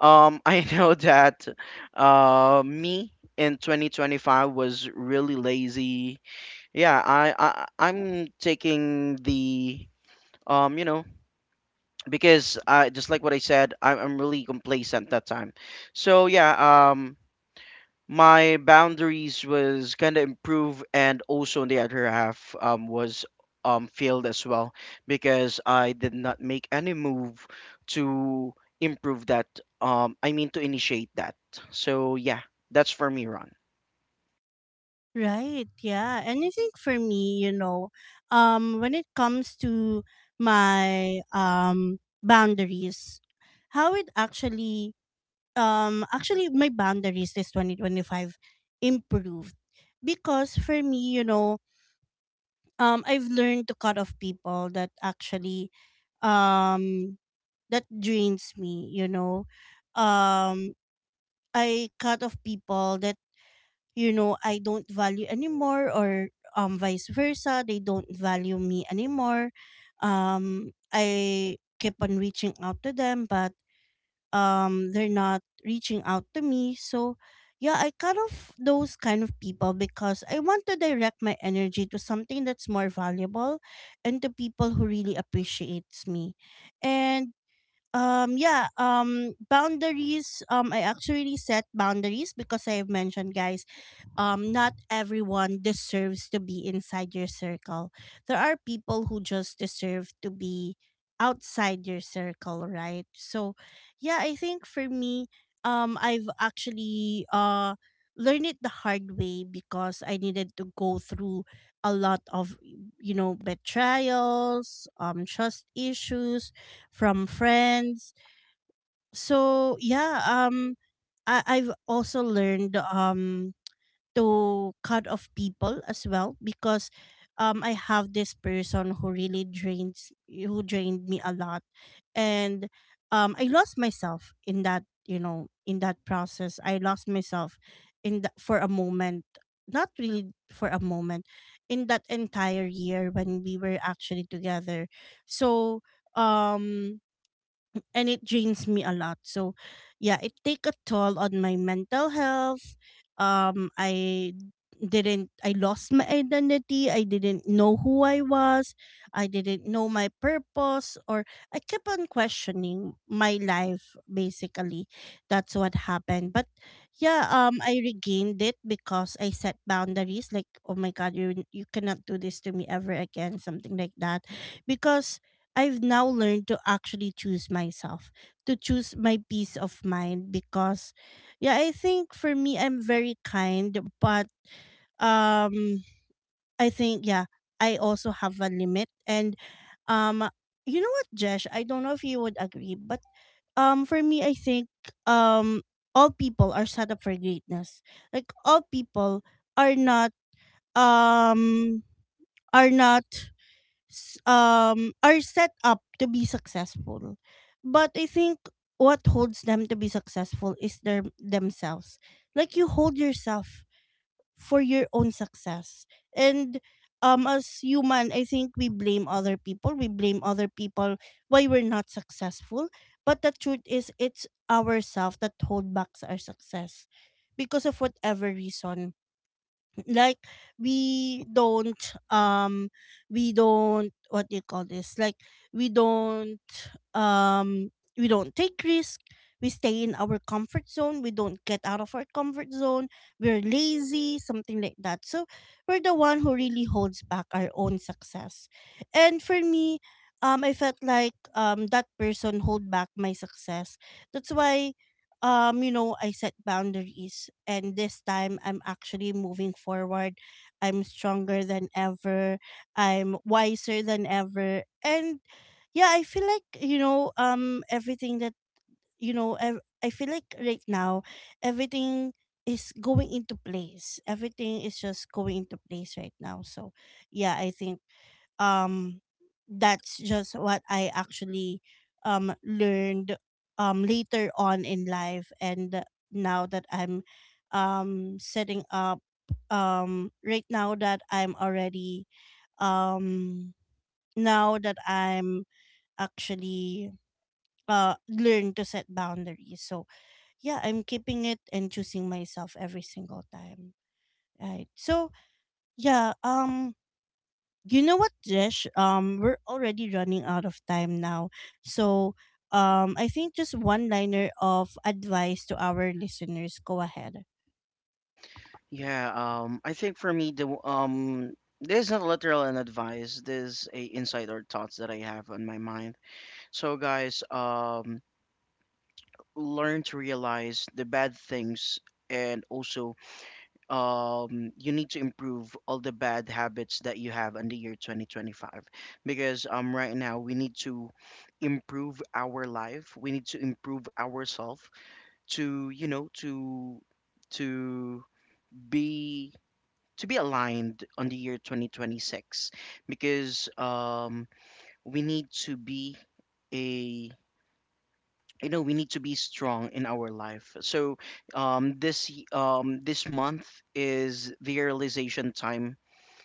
Speaker 2: *laughs* I know that, me in 2025 was really lazy. Yeah, I'm taking the, um you know because I just like what I said, I'm really complacent that time. So yeah, my boundaries was kind of improved, and also on the other half, was failed as well, because I did not make any move to improve that. I mean, to initiate that. So yeah, that's for me, Ron.
Speaker 1: Right, yeah. And I think for me, you know, when it comes to my boundaries, how it actually actually my boundaries this 2025 improved. Because for me you know, I've learned to cut off people that actually, um that drains me, you know. um I cut off people that, you know, I don't value anymore, or vice versa, they don't value me anymore. I keep on reaching out to them, but they're not reaching out to me. So yeah, I cut off those kind of people because I want to direct my energy to something that's more valuable, and to people who really appreciates me. And yeah, boundaries, I actually set boundaries because I've mentioned guys, not everyone deserves to be inside your circle. There are people who just deserve to be outside your circle, right? So yeah, I think for me, I've actually learned it the hard way because I needed to go through a lot of, you know, betrayals, trust issues from friends. So yeah, I've also learned to cut off people as well because I have this person who really drains who drained me a lot. And I lost myself in that, you know, in that process. I lost myself in the, for a moment. Not really for a moment, in that entire year when we were actually together. So, um and it drains me a lot. So, yeah, it take a toll on my mental health. I didn't I lost my identity. I didn't know who I was. I didn't know my purpose, or I kept on questioning my life basically. That's what happened. But yeah, I regained it because I set boundaries, like oh my god, you cannot do this to me ever again, something like that. Because I've now learned to actually choose myself, to choose my peace of mind. Because yeah, I think for me I'm very kind, but um I think yeah, I also have a limit. And um you know what, Jesh, I don't know if you would agree, but for me I think um all people are set up for greatness. Like all people are not um are not are set up to be successful. But I think what holds them to be successful is their themselves. Like you hold yourself for your own success. And as human, I think we blame other people, we blame other people, why we're not successful. But the truth is, it's ourselves that hold back our success, because of whatever reason. Like we don't, what do you call this, like we don't, um we don't take risk, we stay in our comfort zone, we don't get out of our comfort zone, we're lazy, something like that. So we're the one who really holds back our own success. And for me, I felt like that person hold back my success. That's why you know, I set boundaries, and this time I'm actually moving forward. I'm stronger than ever, I'm wiser than ever. And yeah, I feel like, you know, everything that, I feel like right now everything is going into place, everything is just going into place right now. So yeah, I think um that's just what I actually learned later on in life. And now that I'm setting up right now that I'm already, um now that I'm actually learn to set boundaries. So yeah, I'm keeping it and choosing myself every single time, right? So yeah, you know what, Jesh? We're already running out of time now. So, I think just one liner of advice to our listeners. Go ahead.
Speaker 2: Yeah, I think for me this is not literal an advice, this is a insider thoughts that I have on my mind. So, guys, learn to realize the bad things, and also, you need to improve all the bad habits that you have in the year 2025. Because, right now, we need to improve our life, we need to improve ourselves to, you know, to be, to be aligned on the year 2026. Because, we need to be a, you know, we need to be strong in our life. So, this month is the realization time.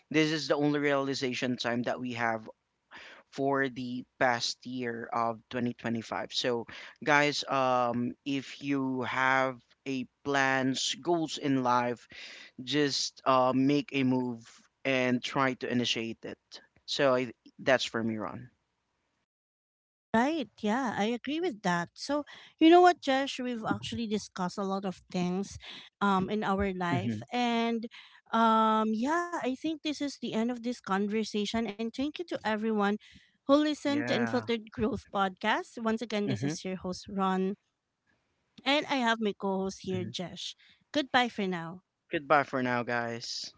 Speaker 2: This is the only realization time that we have for the past year of 2025. So guys, if you have a plans goals in life, just, make a move and try to initiate it. So, that's for me, Ron.
Speaker 1: Right. Yeah, I agree with that. So, you know what, Josh, we've actually discussed a lot of things in our
Speaker 2: Hmm.
Speaker 1: life. And yeah, I think this is the end of this conversation, and thank you to everyone who listened to
Speaker 2: Yeah.
Speaker 1: Unfiltered Growth podcast. Once again, this
Speaker 2: Hmm.
Speaker 1: is your host Ron, and I have my co-host
Speaker 2: Hmm.
Speaker 1: here, Josh. Goodbye for now.
Speaker 2: Goodbye for now, guys.